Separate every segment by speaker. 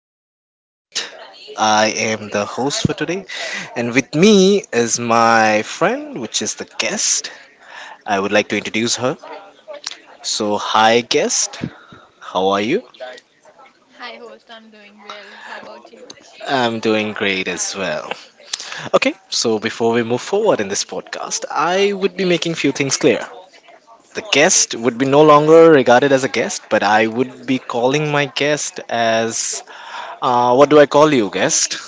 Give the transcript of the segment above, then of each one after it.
Speaker 1: TP Podcast. I am the host for today, and with me is my friend, which is the guest. I would like to introduce her. So, hi, guest. How are you?
Speaker 2: Hi, host. I'm doing well. How about you?
Speaker 1: I'm doing great as well. Okay, so before we move forward in this podcast, I would be making few things clear. The guest would be no longer regarded as a guest, but I would be calling my guest as what do I call you, guest?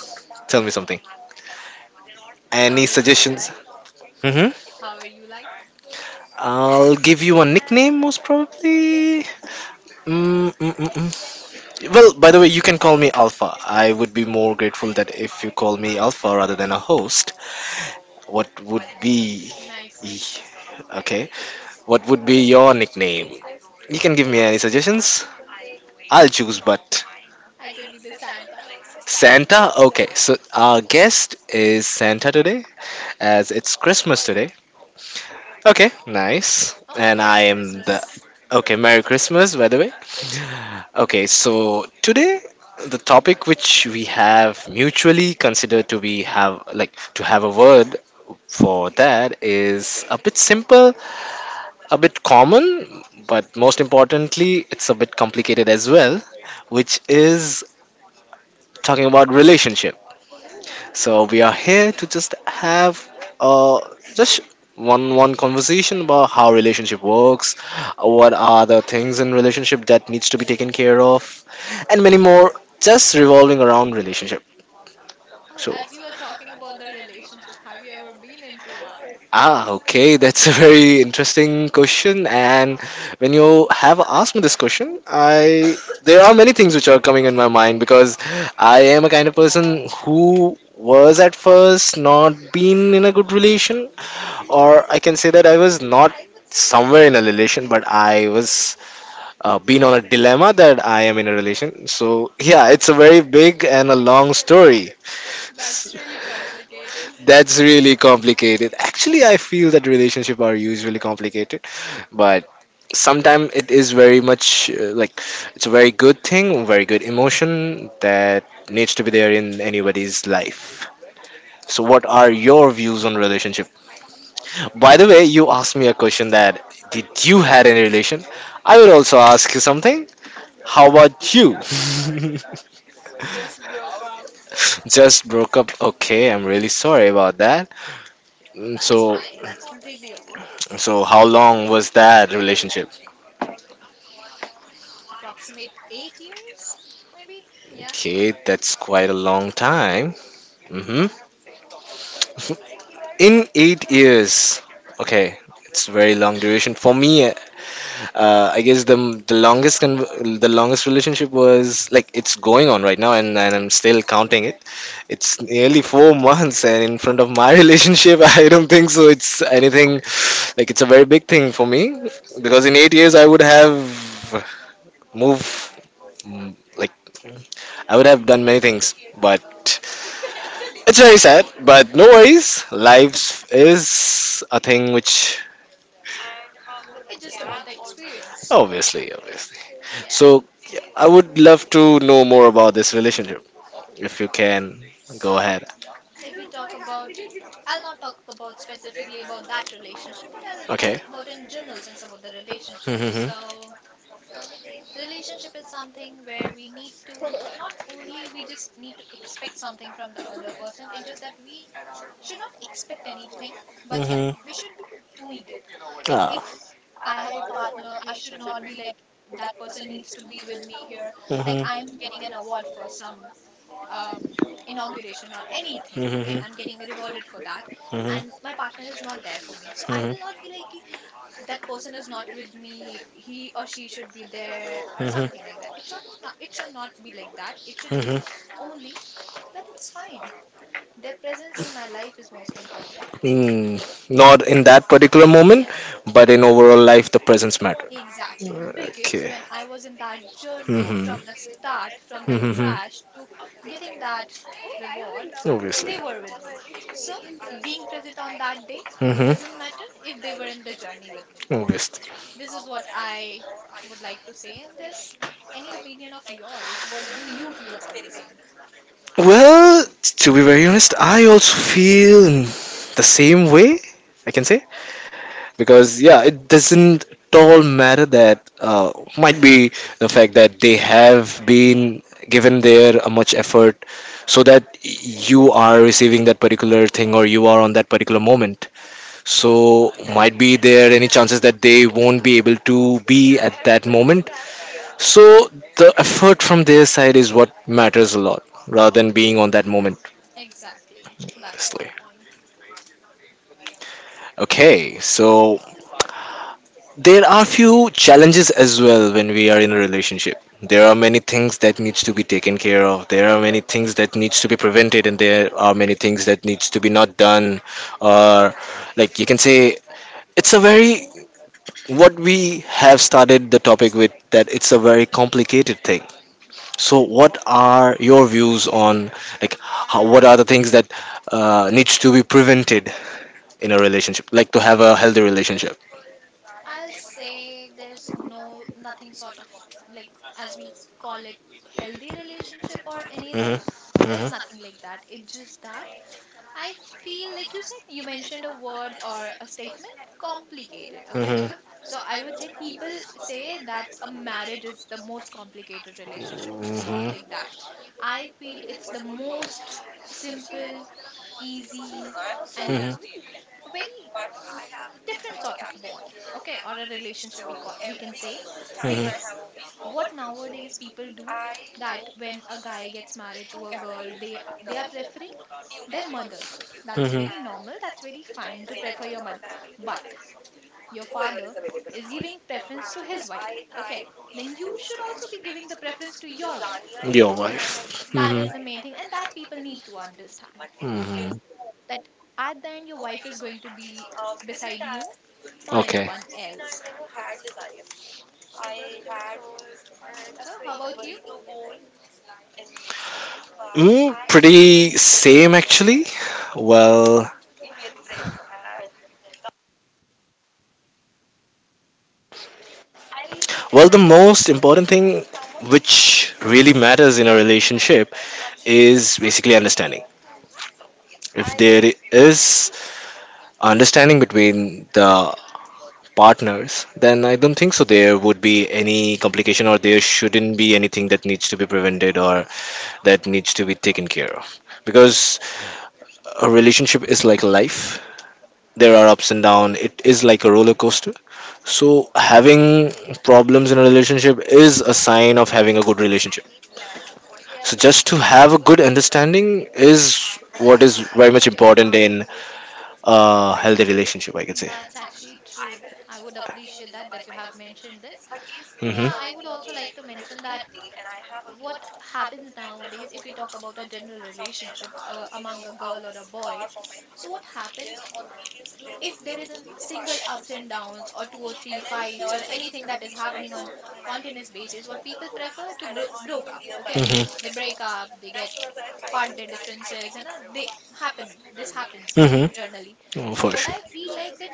Speaker 1: Tell me something. Any
Speaker 2: How are you
Speaker 1: suggestions?
Speaker 2: like?
Speaker 1: Mm-hmm.
Speaker 2: How are you like?
Speaker 1: I'll give you a nickname, most probably. Mm. Well, by the way, you can call me Alpha. I would be more grateful that if you call me Alpha rather than a host. What would
Speaker 2: hmm
Speaker 1: be.
Speaker 2: Nice name.
Speaker 1: Okay. What would be your nickname? You can give me any suggestions. I'll choose, but.
Speaker 2: I could be the Santa.
Speaker 1: Santa? Okay, so our guest is Santa today, as it's Christmas today. Okay, nice.
Speaker 2: Oh,
Speaker 1: And I
Speaker 2: Merry
Speaker 1: am the.
Speaker 2: Christmas.
Speaker 1: Okay, Merry Christmas, by the way. Okay, so today the topic which we have mutually considered to be have like to have a word for that is a bit simple, a bit common, but most importantly, it's a bit complicated as well, which is talking about relationship, so we are here to just have uh just one conversation about how relationship works, what are the things in relationship that needs to be taken care of, and many more just revolving around relationship.
Speaker 2: Oh,
Speaker 1: So,
Speaker 2: as you are talking about the relationship, have you ever been into one?
Speaker 1: ah, okay. That's a very interesting question. And when you have asked me this question, I there are many things which are coming in my mind because I am a kind of person who was at first not been in a good relation, or I can say that I was not somewhere in a relation, but I was been on a dilemma that I am in a relation. So yeah, it's a very big and a long story.
Speaker 2: That's really complicated.
Speaker 1: That's really complicated. Actually, I feel that relationship are usually complicated, but sometimes it is very much like it's a very good thing, very good emotion that needs to be there in anybody's life. So, what are your views on relationship? By the way, you asked me a question that did you had any relation? I will also ask you something. How about you?
Speaker 2: Just broke up.
Speaker 1: Just broke up. Okay, I'm really sorry about that.
Speaker 2: Oh,
Speaker 1: Mm,
Speaker 2: that's
Speaker 1: so,
Speaker 2: fine. That's completely okay.
Speaker 1: so, how long was that relationship?
Speaker 2: Approximate 8 years, maybe? Yeah.
Speaker 1: Okay, that's quite a long time. Hmm. In eight years. Okay, it's very long duration for me. I guess the longest relationship was like it's going on right now, and I'm still counting it. It's nearly four months, and in front of my relationship, I don't think so. It's anything like it's a very big thing for me because in eight years I would have moved like I would have done many things, but it's very sad, but no worries. Life is a thing which,
Speaker 2: It's just about the experience.
Speaker 1: obviously, obviously.
Speaker 2: Yeah.
Speaker 1: So, yeah, I would love to know more about this relationship. If you can, go
Speaker 2: So,
Speaker 1: ahead.
Speaker 2: if we talk about I'll not talk about specifically about that relationship, but I'll talk
Speaker 1: Okay.
Speaker 2: about in general sense about the relationship.
Speaker 1: Mm-hmm.
Speaker 2: So, relationship is something where we need to not only we just need to expect something from the other person. It's just that we should not expect anything, but yeah,
Speaker 1: Mm-hmm.
Speaker 2: we should be doing it. Like
Speaker 1: Ah.
Speaker 2: if I have a partner, I should not be like that person needs to be with me here. Like
Speaker 1: Mm-hmm.
Speaker 2: I am getting an award for some uh, inauguration or anything,
Speaker 1: Mm-hmm.
Speaker 2: okay, I'm getting
Speaker 1: Mm-hmm.
Speaker 2: rewarded for that and
Speaker 1: Mm-hmm.
Speaker 2: my partner is not there for me. So I will not be like, "Ki, that person is not with me, he or she should be there," or
Speaker 1: Mm-hmm.
Speaker 2: something like that. It should not be like that. It should be
Speaker 1: Mm-hmm.
Speaker 2: only that it's fine, their presence in my life is most important.
Speaker 1: Hmm, not in that particular moment, but in overall life, the presence matter.
Speaker 2: Exactly, because
Speaker 1: Okay.
Speaker 2: when I was in that journey
Speaker 1: Hmm.
Speaker 2: from the start, from the
Speaker 1: Hmm.
Speaker 2: trash to getting that reward,
Speaker 1: Obviously.
Speaker 2: they were with me. So, being present on that day doesn't
Speaker 1: Hmm.
Speaker 2: matter if they were in the journey with me.
Speaker 1: Obviously.
Speaker 2: This is what I would like to say in this. Any opinion of yours? What do you feel about the same?
Speaker 1: Well, to be very honest, I also feel the same way, I can say. Because, yeah, it doesn't at all matter that, might be the fact that they have been given their much effort so that you are receiving that particular thing or you are on that particular moment, so might be there any chances that they won't be able to be at that moment, so the effort from their side is what matters a lot rather than being on that moment.
Speaker 2: Exactly, that's my
Speaker 1: Obviously.
Speaker 2: point.
Speaker 1: Okay, so there are few challenges as well when we are in a relationship. There are many things that needs to be taken care of, there are many things that needs to be prevented, and there are many things that needs to be not done, or like you can say it's a very what we have started the topic with, that it's a very complicated thing. So what are your views on like how, what are the things that needs to be prevented in a relationship, like to have a healthy relationship?
Speaker 2: I'll say there's nothing sort of, like, as we call it, healthy relationship or
Speaker 1: Hmm.
Speaker 2: anything. There's
Speaker 1: Hmm.
Speaker 2: nothing like that. It's just that I feel like you said, you mentioned a word or a statement complicated, okay?
Speaker 1: Hmm.
Speaker 2: So I would say people say that a marriage is the most complicated relationship. It's not like that. I feel it's the most simple, easy, and
Speaker 1: Hmm.
Speaker 2: a very different sort of bond, okay, or a relationship, we got, we can say. Because
Speaker 1: Hmm.
Speaker 2: what nowadays people do that when a guy gets married to a girl, they are preferring their mother. That's
Speaker 1: Hmm.
Speaker 2: very normal, that's very fine to prefer your mother. But your father is giving preference to his wife, okay, then you should also be giving the preference to your wife.
Speaker 1: Your wife.
Speaker 2: That
Speaker 1: Hmm.
Speaker 2: is the main thing and that people need to understand,
Speaker 1: Hmm.
Speaker 2: that at the end your wife is going to be beside you, not
Speaker 1: Okay.
Speaker 2: anyone else. So, how about you?
Speaker 1: Mm, pretty same actually. Well, well, the most important thing which really matters in a relationship is basically understanding. If there is understanding between the partners, then I don't think so there would be any complication or there shouldn't be anything that needs to be prevented or that needs to be taken care of. Because a relationship is like life. There are ups and downs. It is like a roller coaster. So having problems in a relationship is a sign of having a good relationship. So just to have a good understanding is what is very much important in a healthy relationship, I could say.
Speaker 2: That's actually true. I would appreciate that you have mentioned this. But
Speaker 1: Hmm.
Speaker 2: yeah, I would also like to mention that what happens nowadays if we talk about a general relationship among a girl or a boy. So what happens, if there is a single ups and downs or two or three fights or anything that is happening on continuous basis, what people prefer to broke up, okay, they break up, they get part their differences, and they happen, this happens
Speaker 1: Hmm. Hmm.
Speaker 2: generally.
Speaker 1: Oh,
Speaker 2: But
Speaker 1: for
Speaker 2: what
Speaker 1: sure.
Speaker 2: I feel like, that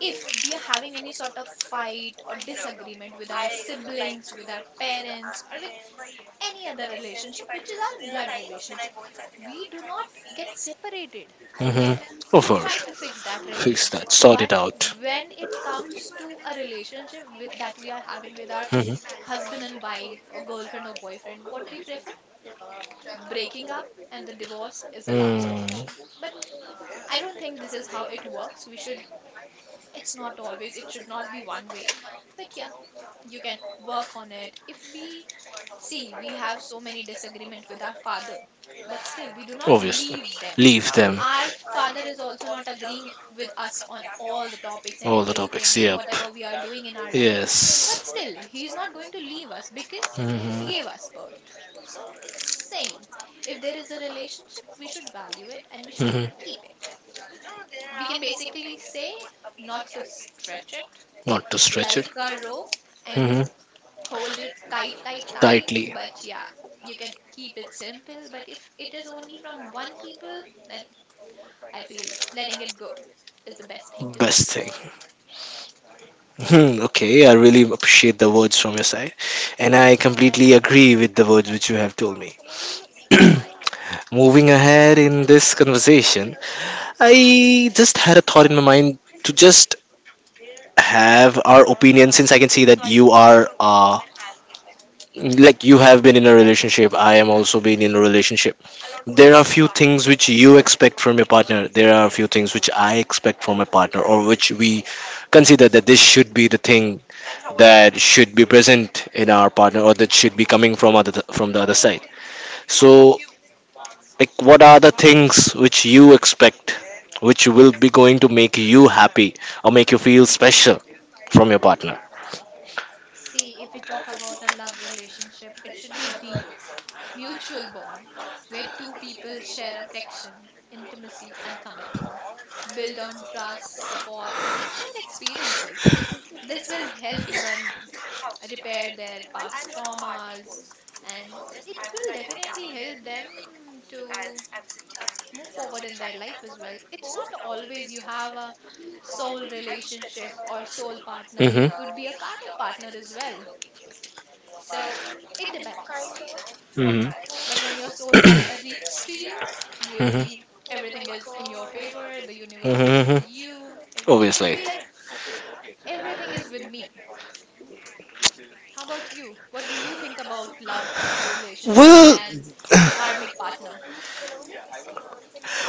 Speaker 2: if we are having any sort of fight or disagreement with our siblings, with our parents, or with any other relationship which is our blood relationship, we do not get separated,
Speaker 1: Hmm.
Speaker 2: okay,
Speaker 1: Oh,
Speaker 2: we
Speaker 1: for
Speaker 2: try
Speaker 1: sure.
Speaker 2: to fix that
Speaker 1: Fix
Speaker 2: relationship.
Speaker 1: that, sort
Speaker 2: But
Speaker 1: it out.
Speaker 2: when it comes to a relationship with, that we are having with our
Speaker 1: Mhm.
Speaker 2: husband and wife or girlfriend or boyfriend, what we prefer, breaking up, and the divorce is the last option.
Speaker 1: Mm,
Speaker 2: But I don't think this is how it works. We should, it's not always, it should not be one way, but yeah, you can work on it. If we see, we have so many disagreement with our father, but still we do not
Speaker 1: obviously.
Speaker 2: leave them.
Speaker 1: Leave them.
Speaker 2: Our father is also not agreeing with us on all the topics and
Speaker 1: All the topics.
Speaker 2: everything,
Speaker 1: Yep.
Speaker 2: whatever we are doing in our life, but
Speaker 1: Yes.
Speaker 2: still he's not going to leave us because he
Speaker 1: Hmm.
Speaker 2: gave us birth. So it's same, if there is a relationship, we should value it and we should
Speaker 1: Hmm.
Speaker 2: keep it. We can basically say, not to stretch it
Speaker 1: Not to stretch it.
Speaker 2: like a rope and
Speaker 1: Hmm.
Speaker 2: to hold it tight, tight, tight.
Speaker 1: Tightly.
Speaker 2: But yeah, you can keep it simple. But if it is only from one people, then I feel letting it go is the best thing to do.
Speaker 1: Best thing. Hmm, okay, I really appreciate the words from your side. And I completely agree with the words which you have told me. Moving ahead in this conversation, I just had a thought in my mind to just have our opinion, since I can see that you are like you have been in a relationship, I am also been in a relationship. There are few things which you expect from your partner, there are few things which I expect from a partner, or which we consider that this should be the thing, that should be present in our partner or that should be coming from other, from the other side. So, like, what are the things which you expect, which will be going to make you happy or make you feel special from your partner?
Speaker 2: See, if we talk about a love relationship, it should be deep, mutual bond where two people share affection, intimacy, and commitment, build on trust, support, and share experiences. This will help even repair their past traumas, and it will definitely help them to move forward in their life as well. It's not always you have a soul relationship or soul partner, it
Speaker 1: Hmm.
Speaker 2: could be a karmic partner as well. So it depends.
Speaker 1: Hmm.
Speaker 2: But when your soul partner reaches to you, you'll
Speaker 1: Hmm.
Speaker 2: be, everything is in your favor, the universe is with
Speaker 1: Hmm.
Speaker 2: you, everything will
Speaker 1: Obviously.
Speaker 2: be like everything is with me. How about you? What do you think about love, relationship,
Speaker 1: Well,
Speaker 2: and karmic partner?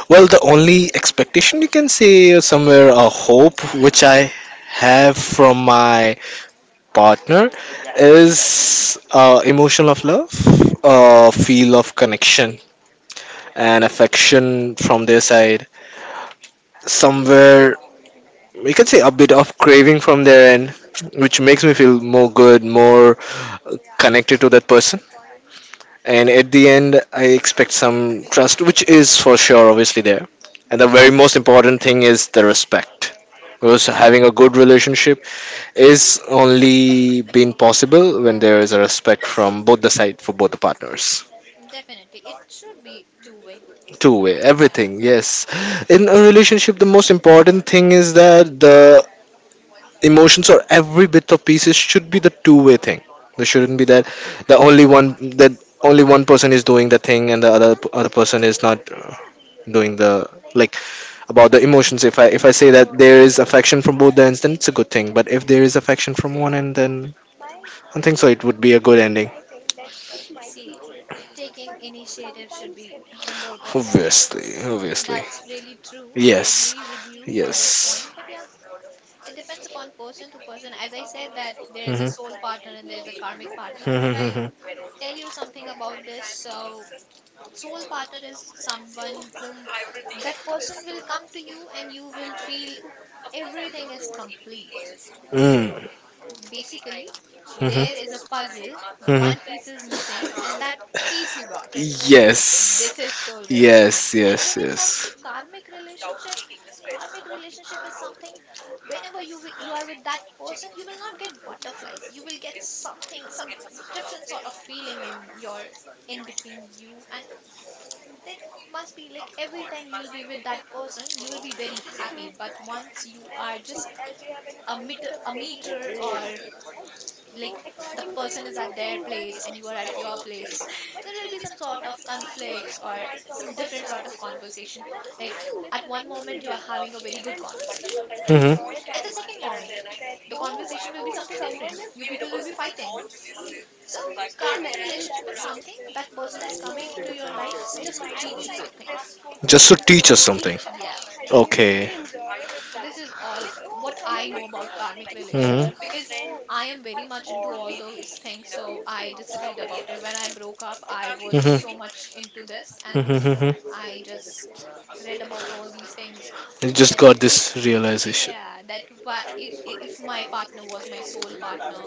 Speaker 1: well, the only expectation you can say is somewhere a hope which I have from my partner is, emotion of love, feel of connection and affection from their side. Somewhere we can say a bit of craving from their end, which makes me feel more good, more connected to that person. And at the end, I expect some trust, which is for sure obviously there. And the very
Speaker 2: Mhm.
Speaker 1: most important thing is the respect. Because
Speaker 2: Correct.
Speaker 1: having a good relationship is only been possible when there is a respect from both the side for both the partners.
Speaker 2: Definitely. It should be two way.
Speaker 1: Two
Speaker 2: No,
Speaker 1: way,
Speaker 2: yeah.
Speaker 1: everything, yes. In a relationship, the most important thing is that the emotions or every bit of pieces should be the two-way thing. There shouldn't be that the only one, that only one person is doing the thing and the other person is not, doing the, like, about the emotions. If I say
Speaker 2: Yeah.
Speaker 1: that there is affection from both the ends, then it's a good thing. But if there is affection from one end, then I think so. It would be a good ending.
Speaker 2: See, taking initiative should be from both of the
Speaker 1: Obviously,
Speaker 2: ends.
Speaker 1: obviously.
Speaker 2: That's really true. I
Speaker 1: Yes,
Speaker 2: agree with you on this
Speaker 1: yes.
Speaker 2: point, but yeah, it depends upon person to person. As I said, that there is a soul
Speaker 1: Mm-hmm.
Speaker 2: partner and there is a karmic partner. If I tell you something about this, so soul partner is someone whom, that person will come to you and you will feel everything is complete.
Speaker 1: Mm-hmm.
Speaker 2: Basically, there is a
Speaker 1: Mm-hmm.
Speaker 2: puzzle, one piece is
Speaker 1: Mm-hmm.
Speaker 2: missing, and that piece you got,
Speaker 1: Yes.
Speaker 2: this is soul relationship.
Speaker 1: Yes,
Speaker 2: And
Speaker 1: yes,
Speaker 2: when it comes to
Speaker 1: yes.
Speaker 2: karmic relationship, karmic relationship is something, whenever you you are with that person, you will not get butterflies, you will get something, some different sort of feeling in your, in between you and, there must be like every time you will be with that person you will be very happy, but once you are just a meter, a meter, or like the person is at their place and you are at your place, there will be some sort of conflicts or some different sort of conversation. Like at one moment you are having a very good conversation,
Speaker 1: Mm-hmm.
Speaker 2: at the second moment the conversation will be something different, you people will be fighting. So karmic relationship is something, that person is coming into your life just to teach you something.
Speaker 1: Just to teach us something.
Speaker 2: Yeah,
Speaker 1: Okay.
Speaker 2: this is all what I know about karmic relationship, because
Speaker 1: Mm-hmm.
Speaker 2: I am very much into all those things, so I just read about it when I broke up, I was so
Speaker 1: Mm-hmm.
Speaker 2: much into this, and
Speaker 1: Mm-hmm.
Speaker 2: I just read about all these things,
Speaker 1: You just
Speaker 2: that
Speaker 1: got
Speaker 2: if,
Speaker 1: this realization.
Speaker 2: yeah, that why if my partner was my soul partner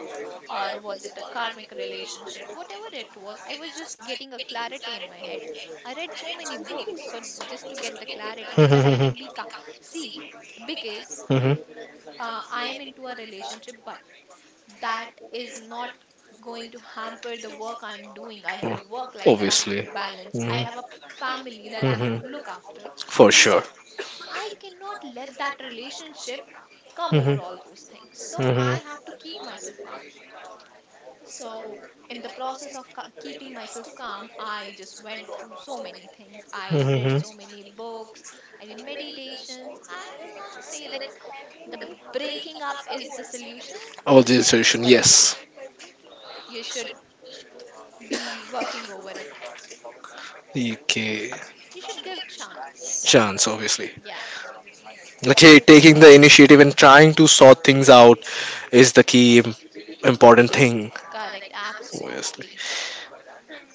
Speaker 2: or was it a karmic relationship, whatever it was, I was just getting a clarity in my head. I read so many books, so, just to get the clarity so that I can be
Speaker 1: Mm-hmm.
Speaker 2: see, because
Speaker 1: Mm-hmm.
Speaker 2: I am into a relationship, but that is not going to hamper the work I'm doing. I have a
Speaker 1: Oh,
Speaker 2: work life that I have to
Speaker 1: obviously.
Speaker 2: balance, I
Speaker 1: Mm-hmm.
Speaker 2: have a family that I have to
Speaker 1: Mm-hmm.
Speaker 2: look after.
Speaker 1: For sure.
Speaker 2: So I cannot let that relationship come over
Speaker 1: Mm-hmm.
Speaker 2: all those things. So I
Speaker 1: Mm-hmm.
Speaker 2: have to keep myself calm. So, in the process of keeping myself calm, I just went through so many things. I read so
Speaker 1: Mm-hmm.
Speaker 2: many books, I did meditations. I will not say that the breaking up is the solution to
Speaker 1: All
Speaker 2: the
Speaker 1: the
Speaker 2: things,
Speaker 1: assertion,
Speaker 2: but yeah,
Speaker 1: yes.
Speaker 2: you should be working over it.
Speaker 1: Okay.
Speaker 2: You should give chance.
Speaker 1: Chance, obviously.
Speaker 2: Yeah,
Speaker 1: Okay, taking the initiative and trying to sort things out is the important thing.
Speaker 2: correct,
Speaker 1: Obviously.
Speaker 2: absolutely.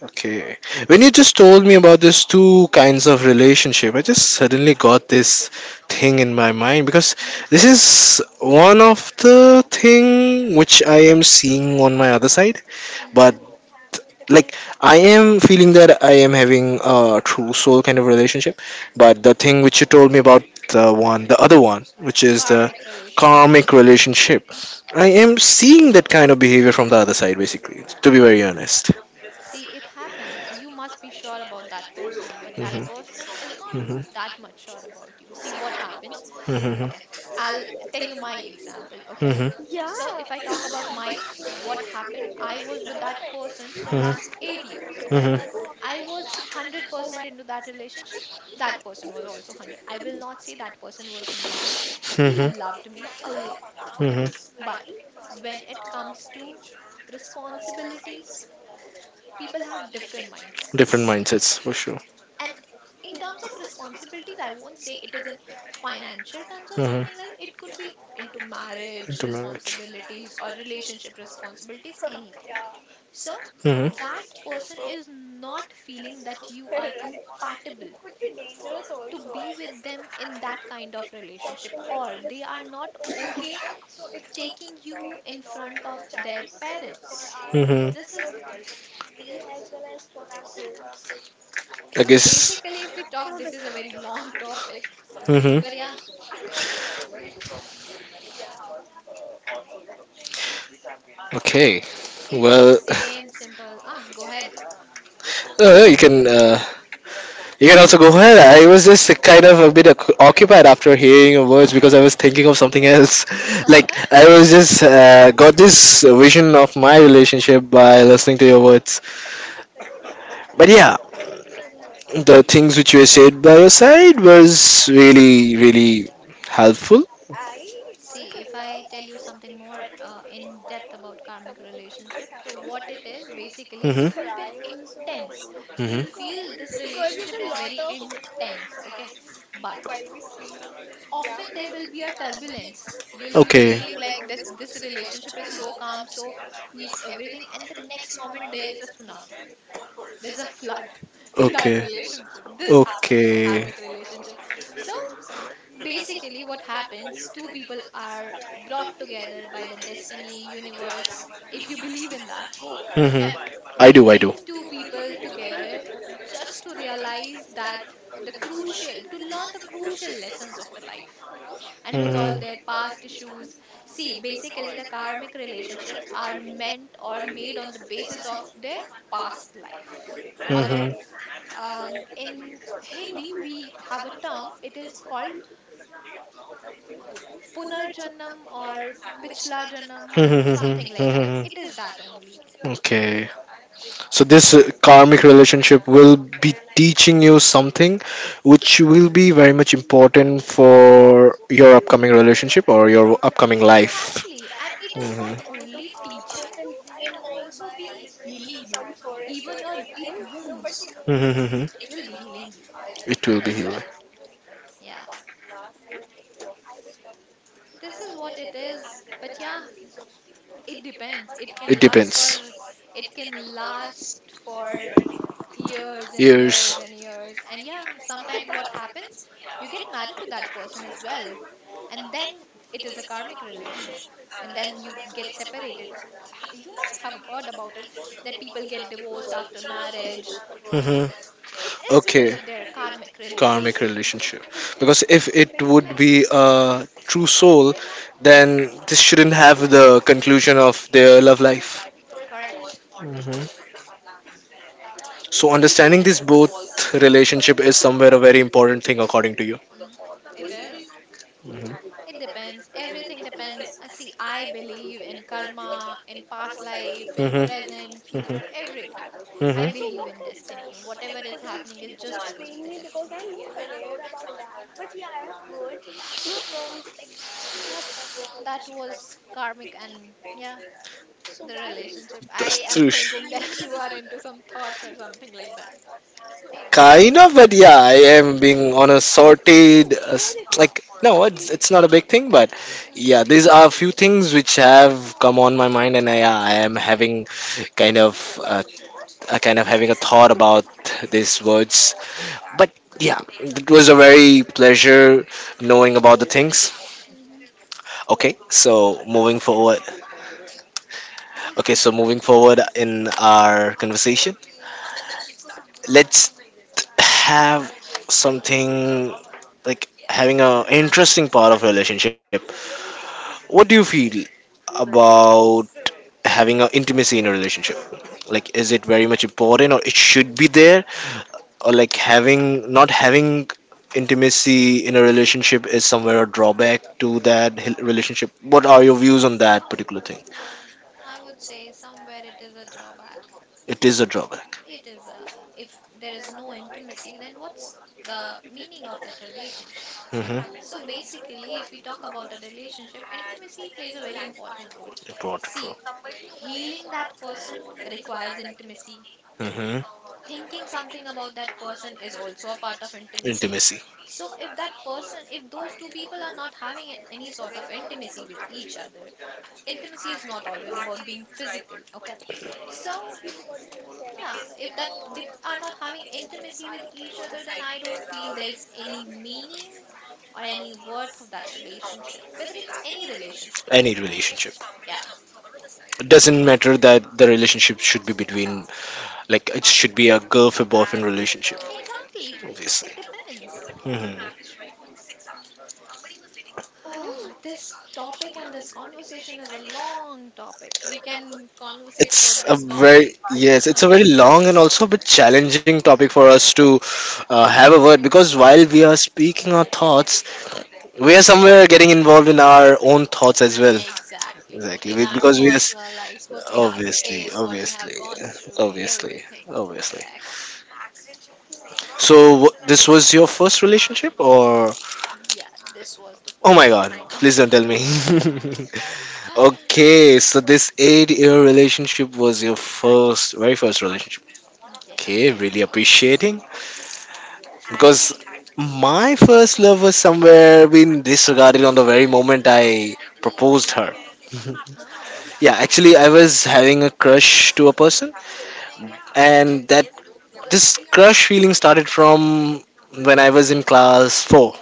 Speaker 1: Okay. When you just told me about these two kinds of relationship, I just suddenly got this thing in my mind, because
Speaker 2: hmm
Speaker 1: this is one of the thing which I am seeing on my other side. But,
Speaker 2: hmm
Speaker 1: like, I am feeling that I am having a true soul kind of relationship. But the thing which you told me about the one, the other one, which is the
Speaker 2: Karmic relationship.
Speaker 1: karmic relationship, I am seeing that kind of behavior from the other side basically, to be very honest.
Speaker 2: See, it happens. You must be sure about that person, but that person is not
Speaker 1: Hmm.
Speaker 2: that much sure about you. See what happens.
Speaker 1: Mhm,
Speaker 2: Okay, I'll tell you my example. Okay,
Speaker 1: mhm,
Speaker 2: so if I talk about mine, what happened? I was with that person from
Speaker 1: mhm,
Speaker 2: last 8 years. Okay,
Speaker 1: mhm,
Speaker 2: I was 100% into that relationship. That person was also 100. I will not say that person was not. He
Speaker 1: mhm,
Speaker 2: loved me a lot. Okay,
Speaker 1: mhm.
Speaker 2: but when it comes to responsibilities, people have different mindsets.
Speaker 1: Different mindsets for sure.
Speaker 2: And in terms of responsibilities, I won't say it is in financial terms or
Speaker 1: Mhm.
Speaker 2: something, like it could be into marriage
Speaker 1: Into marriage.
Speaker 2: responsibilities or relationship responsibilities, anything. So
Speaker 1: Mhm,
Speaker 2: that person is not feeling that you are compatible to be with them in that kind of relationship, or they are not okay taking you in front of their parents.
Speaker 1: mhm.
Speaker 2: This is the thing.
Speaker 1: I
Speaker 2: So
Speaker 1: guess.
Speaker 2: basically, if we talk, this is a very long topic.
Speaker 1: Mhm.
Speaker 2: But yeah,
Speaker 1: Okay.
Speaker 2: if we
Speaker 1: Well,
Speaker 2: say in simple, ah, go ahead.
Speaker 1: uh, you can uh, you can also go ahead. I was just kind of a bit occupied after hearing your words because I was thinking of something else. Like I was just got this vision of my relationship by listening to your words. But yeah, the things which were said by your side was really, really helpful.
Speaker 2: See, if I tell you something more in depth about karmic relationship, so what it is basically,
Speaker 1: Hmm.
Speaker 2: it will be an intense.
Speaker 1: Hmm.
Speaker 2: You'll feel this relationship is very intense, okay? But often there will be a turbulence. You'll be
Speaker 1: Okay.
Speaker 2: feeling like this relationship is so calm, so peace, everything, and the next moment there is a tsunami, there's a flood in that
Speaker 1: Okay.
Speaker 2: relationship. This happens in the
Speaker 1: Okay.
Speaker 2: karmic relationship. So, Basically, what happens, two people are brought together by the destiny, universe, if you believe in that.
Speaker 1: Hmm.
Speaker 2: Okay. They
Speaker 1: I do. I do.
Speaker 2: bring two people together just to realize that to learn the crucial lessons of the life and resolve
Speaker 1: Hmm.
Speaker 2: their past issues. See, basically, the karmic relationships are meant or made on the basis of their past life, on their
Speaker 1: Hmm.
Speaker 2: in Hindi, we have a term, it is called Punarjanam or Pichla Janam, something like that. It is that only.
Speaker 1: Okay. So this karmic relationship will be teaching you something which will be very much important for your upcoming relationship or your upcoming life.
Speaker 2: Exactly. And it is
Speaker 1: Hmm.
Speaker 2: not only teaching you, it also be healing you. Even your deep wounds,
Speaker 1: Hmm.
Speaker 2: it will be healing you
Speaker 1: It will be
Speaker 2: as
Speaker 1: healing.
Speaker 2: well. Yeah. This is what it is. But yeah, it depends.
Speaker 1: It depends.
Speaker 2: It can last for years and
Speaker 1: Years.
Speaker 2: years and years, and yeah, sometimes what happens, you get married to that person as well, and then it is a karmic relationship, and then you get separated. You must have heard about it, that people get divorced after marriage.
Speaker 1: Hmm.
Speaker 2: It is because
Speaker 1: Okay.
Speaker 2: of their karmic
Speaker 1: Karmic
Speaker 2: relationship. Yeah,
Speaker 1: relationship, because if it would be a true soul, then this shouldn't have the conclusion of their love life.
Speaker 2: correct.
Speaker 1: Hmm. So understanding this, both
Speaker 2: Because
Speaker 1: relationship is somewhere a very important thing according to you.
Speaker 2: mm, it is. It depends. Everything depends. See, I believe in karma, in past life, in
Speaker 1: Hmm.
Speaker 2: present,
Speaker 1: Hmm.
Speaker 2: future, everything. I
Speaker 1: Hmm.
Speaker 2: believe in destiny. Whatever is happening is just because of the destiny. That's that was karmic, and yeah, the relationship. I
Speaker 1: That's
Speaker 2: am
Speaker 1: true,
Speaker 2: thinking that you are into some thoughts or something like that.
Speaker 1: kind of, but yeah, I am being on a sorted like, no, it's not a big thing, but yeah, these
Speaker 2: Hmm.
Speaker 1: are a few things which have come on my mind and I am having kind of uh, kind of having a thought about these words. But yeah, it was a very pleasure knowing about the things.
Speaker 2: Hmm.
Speaker 1: Okay, so moving forward. Okay, so moving forward in our conversation, let's have something like having a interesting part of relationship. What do you feel about having a intimacy in a relationship? Like, is it very much important or it should be there? Or like having, not having intimacy in a relationship is somewhere a drawback to that relationship. What are your views on that particular thing?
Speaker 2: Some, I would say, somewhere it is a drawback.
Speaker 1: It is a drawback.
Speaker 2: It is, if there is no intimacy, then what's the meaning of that relationship?
Speaker 1: Mm-hmm.
Speaker 2: So basically, if we talk about a relationship, intimacy plays a very important role.
Speaker 1: It brought true.
Speaker 2: See, healing that person requires intimacy.
Speaker 1: Mm-hmm.
Speaker 2: Thinking something about that person is also a part of intimacy.
Speaker 1: Intimacy.
Speaker 2: So if that person, if those two people are not having any sort of intimacy with each other, intimacy is not always about being physical, okay? So yeah, if that they are not having intimacy with each other, then I don't feel there's any meaning or any worth of that relationship, whether it's any relationship.
Speaker 1: Any relationship.
Speaker 2: Yeah,
Speaker 1: It doesn't matter that the relationship should be between, like, it should be a girlfriend boyfriend relationship.
Speaker 2: exactly.
Speaker 1: Obviously.
Speaker 2: It depends.
Speaker 1: Hmm.
Speaker 2: Ah, this topic and this conversation is a long topic. We can conversate about
Speaker 1: It's a
Speaker 2: this topic
Speaker 1: very, yes, it's a very long and also a bit challenging topic for us to have a word, because while we are speaking our thoughts, we are somewhere getting involved in our own thoughts as well.
Speaker 2: exactly
Speaker 1: Exactly,
Speaker 2: in our
Speaker 1: because we are
Speaker 2: personal lives, what we have
Speaker 1: obviously,
Speaker 2: faced, what we
Speaker 1: obviously,
Speaker 2: have gone through,
Speaker 1: obviously,
Speaker 2: everything.
Speaker 1: obviously.
Speaker 2: Correct.
Speaker 1: So this was your first relationship or,
Speaker 2: Yeah, this was the
Speaker 1: oh my
Speaker 2: first
Speaker 1: god,
Speaker 2: one.
Speaker 1: please don't tell me. Okay, so this 8-year relationship was your first, very first relationship.
Speaker 2: Yeah,
Speaker 1: Okay,
Speaker 2: it
Speaker 1: really
Speaker 2: was.
Speaker 1: appreciating, because my first love was somewhere being disregarded on the very moment I proposed her.
Speaker 2: Oh,
Speaker 1: Yeah, actually, I was having a crush to a person, and that this crush feeling started from when I was in class four,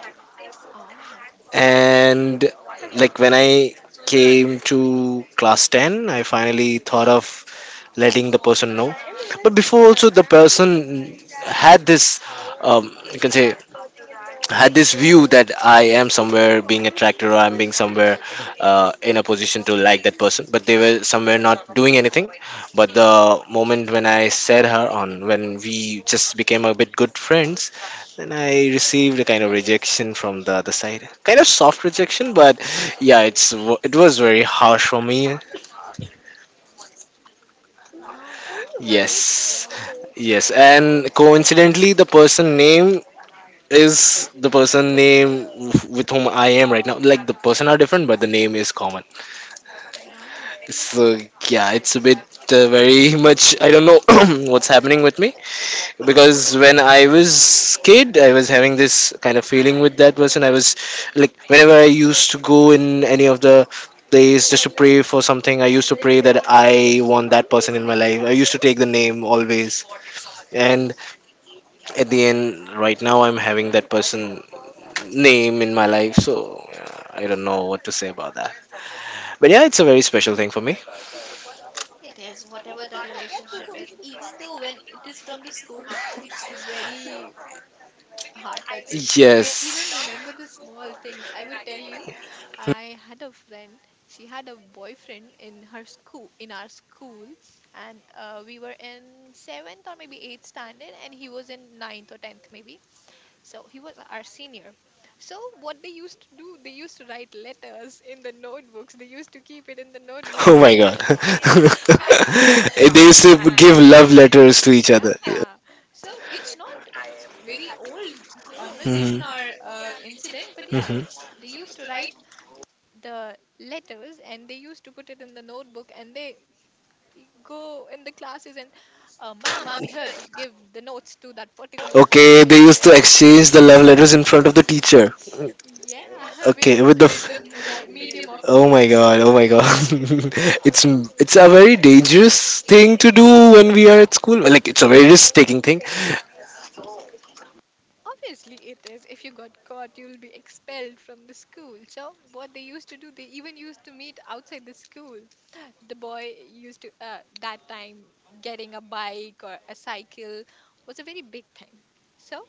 Speaker 2: oh,
Speaker 1: and like when I came to class ten, I finally thought of letting the person know. But before also, the person had this, you can say, had this view that I am somewhere being attracted or I'm being somewhere in a position to like that person, but they were somewhere not doing anything. But the moment when I said her on, when we just became a bit good friends, then I received a kind of rejection from the other side, kind of soft rejection, but yeah, it was very harsh for me.
Speaker 2: huh? Is it
Speaker 1: Yes,
Speaker 2: so?
Speaker 1: yes,
Speaker 2: It's
Speaker 1: and
Speaker 2: okay.
Speaker 1: coincidentally, the person name is the person name with whom I am right now. Like the person are different, but the name is common.
Speaker 2: No,
Speaker 1: So yeah, it's a bit very much. I don't know what's happening with me, because when I was kid, I was having this kind of feeling with that person. I was like, whenever I used to go in any of the place just to pray for something, I used to pray that I want that person in my life. I used to take the name always, and at the end, right now, I'm having that person name in my life. So I don't know what to say about that. But yeah, it's a very special thing for me.
Speaker 2: it is, whatever the relationship is. Even though when it is from the school, it's very heart touching, and we even
Speaker 1: Yes.
Speaker 2: remember the small things. I would tell you, I had a friend. She had a boyfriend in her school, in our school, and we were in seventh or maybe eighth standard, and he was in ninth or tenth maybe. So he was our senior. So what they used to do, they used to write letters in the notebooks. They used to keep it in the notebook,
Speaker 1: Oh
Speaker 2: and
Speaker 1: my
Speaker 2: they
Speaker 1: god.
Speaker 2: and
Speaker 1: They used to give love letters to
Speaker 2: and
Speaker 1: each other.
Speaker 2: yeah. So it's not very old conversation
Speaker 1: Hmm.
Speaker 2: or incident, but yeah,
Speaker 1: Hmm.
Speaker 2: they used to write the letters and they used to put it in the notebook, and they go in the classes and, mom, I'm here to give the notes to that particular person.
Speaker 1: Okay, they used to exchange the love letters in front of the teacher.
Speaker 2: Yeah, with
Speaker 1: Okay, with the
Speaker 2: with the medium of the book.
Speaker 1: oh my god, it's it's a very dangerous thing to do when we are at school. Like, it's a very risk-taking thing.
Speaker 2: Obviously, it is. If you got caught, you'll be expelled from the school. So, what they used to do, they even used to meet outside the school. The boy used to, that time, getting a bike or a cycle was a very big thing. So,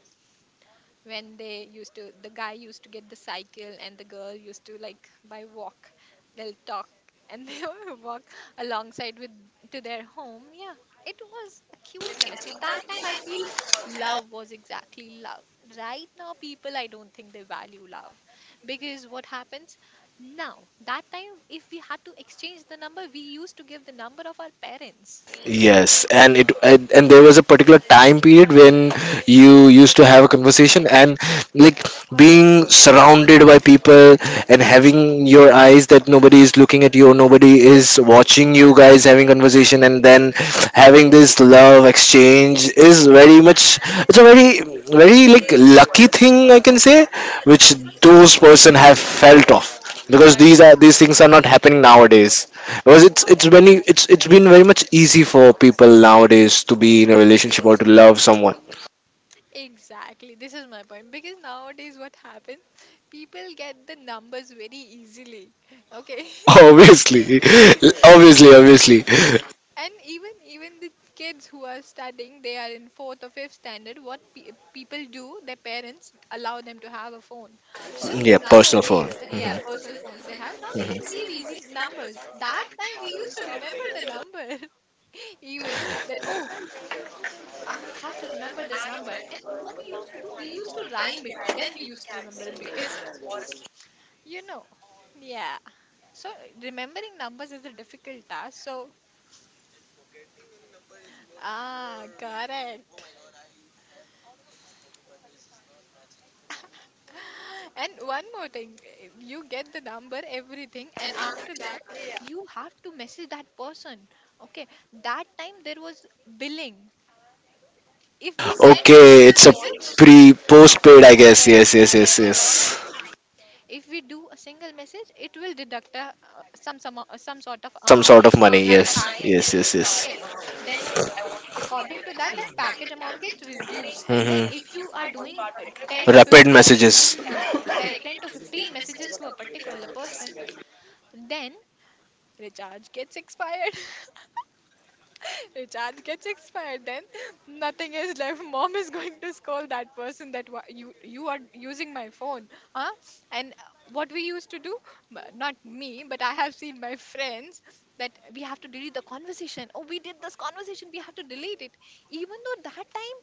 Speaker 2: when they used to the guy used to get the cycle, and the girl used to, like, by walk. They'll talk, and they will walk alongside with to their home. Yeah, it was a cute chemistry that time, I feel. Love was exactly love. Right now people, I don't think they value love, because what happens now, that time if we had to exchange the number, we used to give the number of our parents.
Speaker 1: Yes, and there was a particular time period when you used to have a conversation and, like, being surrounded by people and having your eyes that nobody is looking at you or nobody is watching you guys having conversation, and then having this love exchange is very much, it's a very, very, like, lucky thing I can say which those person have felt of, because these things are not happening nowadays, because it's very it's been very much easy for people nowadays to be in a relationship or to love someone.
Speaker 2: Exactly, this is my point, because nowadays what happens, people get the numbers very easily. Okay.
Speaker 1: Obviously, obviously, obviously.
Speaker 2: And even the kids who are studying, they are in fourth or fifth standard. What people do, their parents allow them to have a phone. So
Speaker 1: Yeah, personal phone.
Speaker 2: nowadays, yeah, personal phones they have. Now they can save easy numbers. That time we used to remember the number. Even that, oh, I have to remember this number. And what we used to do, we used to rhyme it. Then we used to remember it because, you know, yeah. So remembering numbers is a difficult task. So, ah, correct. And one more thing, you get the number, everything, and after that, you have to message that person. Okay, that time there was billing. If we send a
Speaker 1: Okay,
Speaker 2: single
Speaker 1: it's a
Speaker 2: message,
Speaker 1: pre postpaid, I guess.
Speaker 2: correct,
Speaker 1: Yes, yes,
Speaker 2: correct,
Speaker 1: yes,
Speaker 2: correct, correct.
Speaker 1: yes.
Speaker 2: If we do a single message, it will deduct a, some sort of
Speaker 1: Some
Speaker 2: amount
Speaker 1: sort of money,
Speaker 2: from that
Speaker 1: yes,
Speaker 2: package.
Speaker 1: yes, yes, yes.
Speaker 2: Okay, then according to that, that package amount gets reduced, and then
Speaker 1: Hmm.
Speaker 2: if you are doing 10 to
Speaker 1: Rapid
Speaker 2: 15,
Speaker 1: messages.
Speaker 2: hmm, correct, 10 to 15 messages to a particular person, then recharge gets expired. Recharge gets expired, then nothing is left. Mom is going to scold that person that you are using my phone, huh? And what we used to do, not me, but I have seen my friends that we have to delete the conversation. Oh, we did this conversation, we have to delete it, even though that time.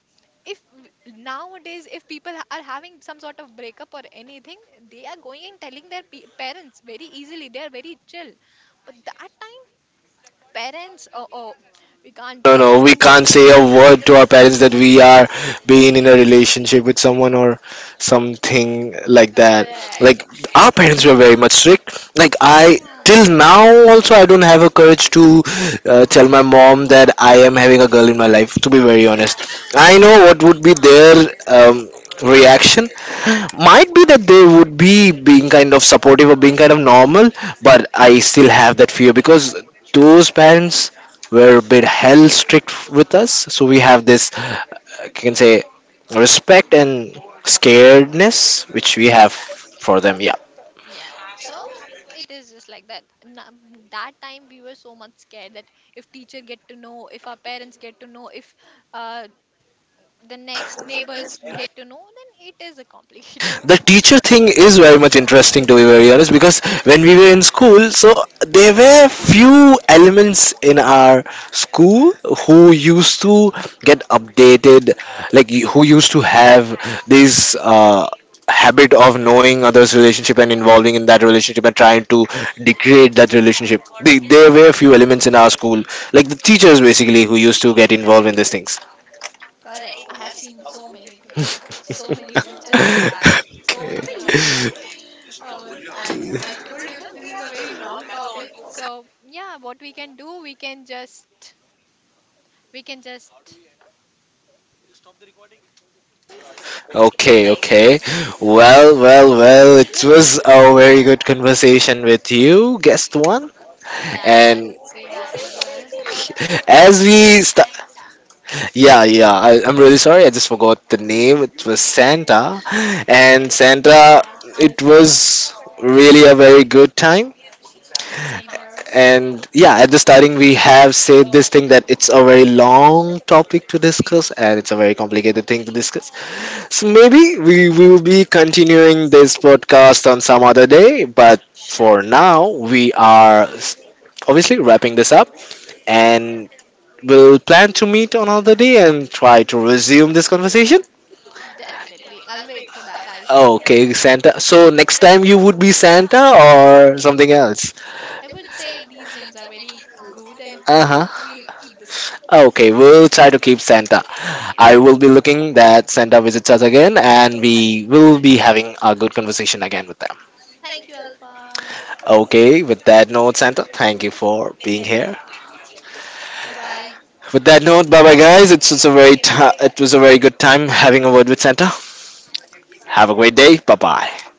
Speaker 2: If nowadays, if people are having some sort of breakup or anything, they are going and telling their parents very easily. They are very chill. But that time, parents, oh, oh, we can't
Speaker 1: No,
Speaker 2: tell a
Speaker 1: no, we
Speaker 2: single
Speaker 1: can't
Speaker 2: thing for
Speaker 1: say a
Speaker 2: them.
Speaker 1: word to our parents that we are being in a relationship with someone or something like that.
Speaker 2: Correct.
Speaker 1: Like, our parents were very much strict. Like, I
Speaker 2: Ah,
Speaker 1: till now also I don't have a courage to tell my mom that I am having a girl in my life. To be very honest, I know what would be their um, reaction.
Speaker 2: mhm,
Speaker 1: Might be that they would be being kind
Speaker 2: mhm.
Speaker 1: of supportive or being kind of normal, but I still have that fear, because those parents were a bit hell strict with us. So we have this, you can say, respect and scaredness which we have
Speaker 2: Exact.
Speaker 1: for them. Yeah.
Speaker 2: Yeah. So it is just like that. That time we were so much scared that if teacher get to know, if our parents get to know, if uh, the next neighbors get to know, then it is a complicated
Speaker 1: The
Speaker 2: thing.
Speaker 1: teacher thing is very much interesting, to be very honest, because when we were in school, so there were few elements in our school who used to get updated, like who used to have this habit of knowing others relationship and involving in that relationship and trying to degrade that relationship. There were few elements in our school, like the teachers basically, who used to get involved in these things.
Speaker 2: Correct. I have seen so many people, so many teachers like that, so many. Uh, I, I told you, na, this is a very long topic. So yeah, what we can do, we can just,
Speaker 1: Okay, okay. Well, well, well, it was a very good conversation with you, guest one.
Speaker 2: yeah, I
Speaker 1: And
Speaker 2: would say that as well.
Speaker 1: as we yeah, yeah, I'm really sorry, I just forgot the name. It was Santa. And Santa,
Speaker 2: Yeah,
Speaker 1: it
Speaker 2: Alpha.
Speaker 1: was really a very good time.
Speaker 2: Yeah, same here.
Speaker 1: And yeah, at the starting, we have said this thing that it's a very long topic to discuss and it's a very complicated thing to discuss. So maybe we will be continuing this podcast on some other day, but
Speaker 2: Sure,
Speaker 1: for now, we are obviously wrapping this up, and we'll plan to meet on another day and try to resume this conversation.
Speaker 2: definitely. I'll wait for that, Alpha.
Speaker 1: Okay, Santa. So next time you would be Santa or something else?
Speaker 2: I would say these names are very good and
Speaker 1: Uh
Speaker 2: cute.
Speaker 1: huh.
Speaker 2: We'll keep the same.
Speaker 1: Okay, we'll try to keep Santa. I will be looking that Santa visits us again and we will be having a good conversation again with them.
Speaker 2: Thank you, Alpha.
Speaker 1: Okay, with that note, Santa, thank you for being here.
Speaker 2: Bye bye.
Speaker 1: With that note, bye bye guys. It's a very it was a very good time having a word with Santa. Have a great day. Bye bye.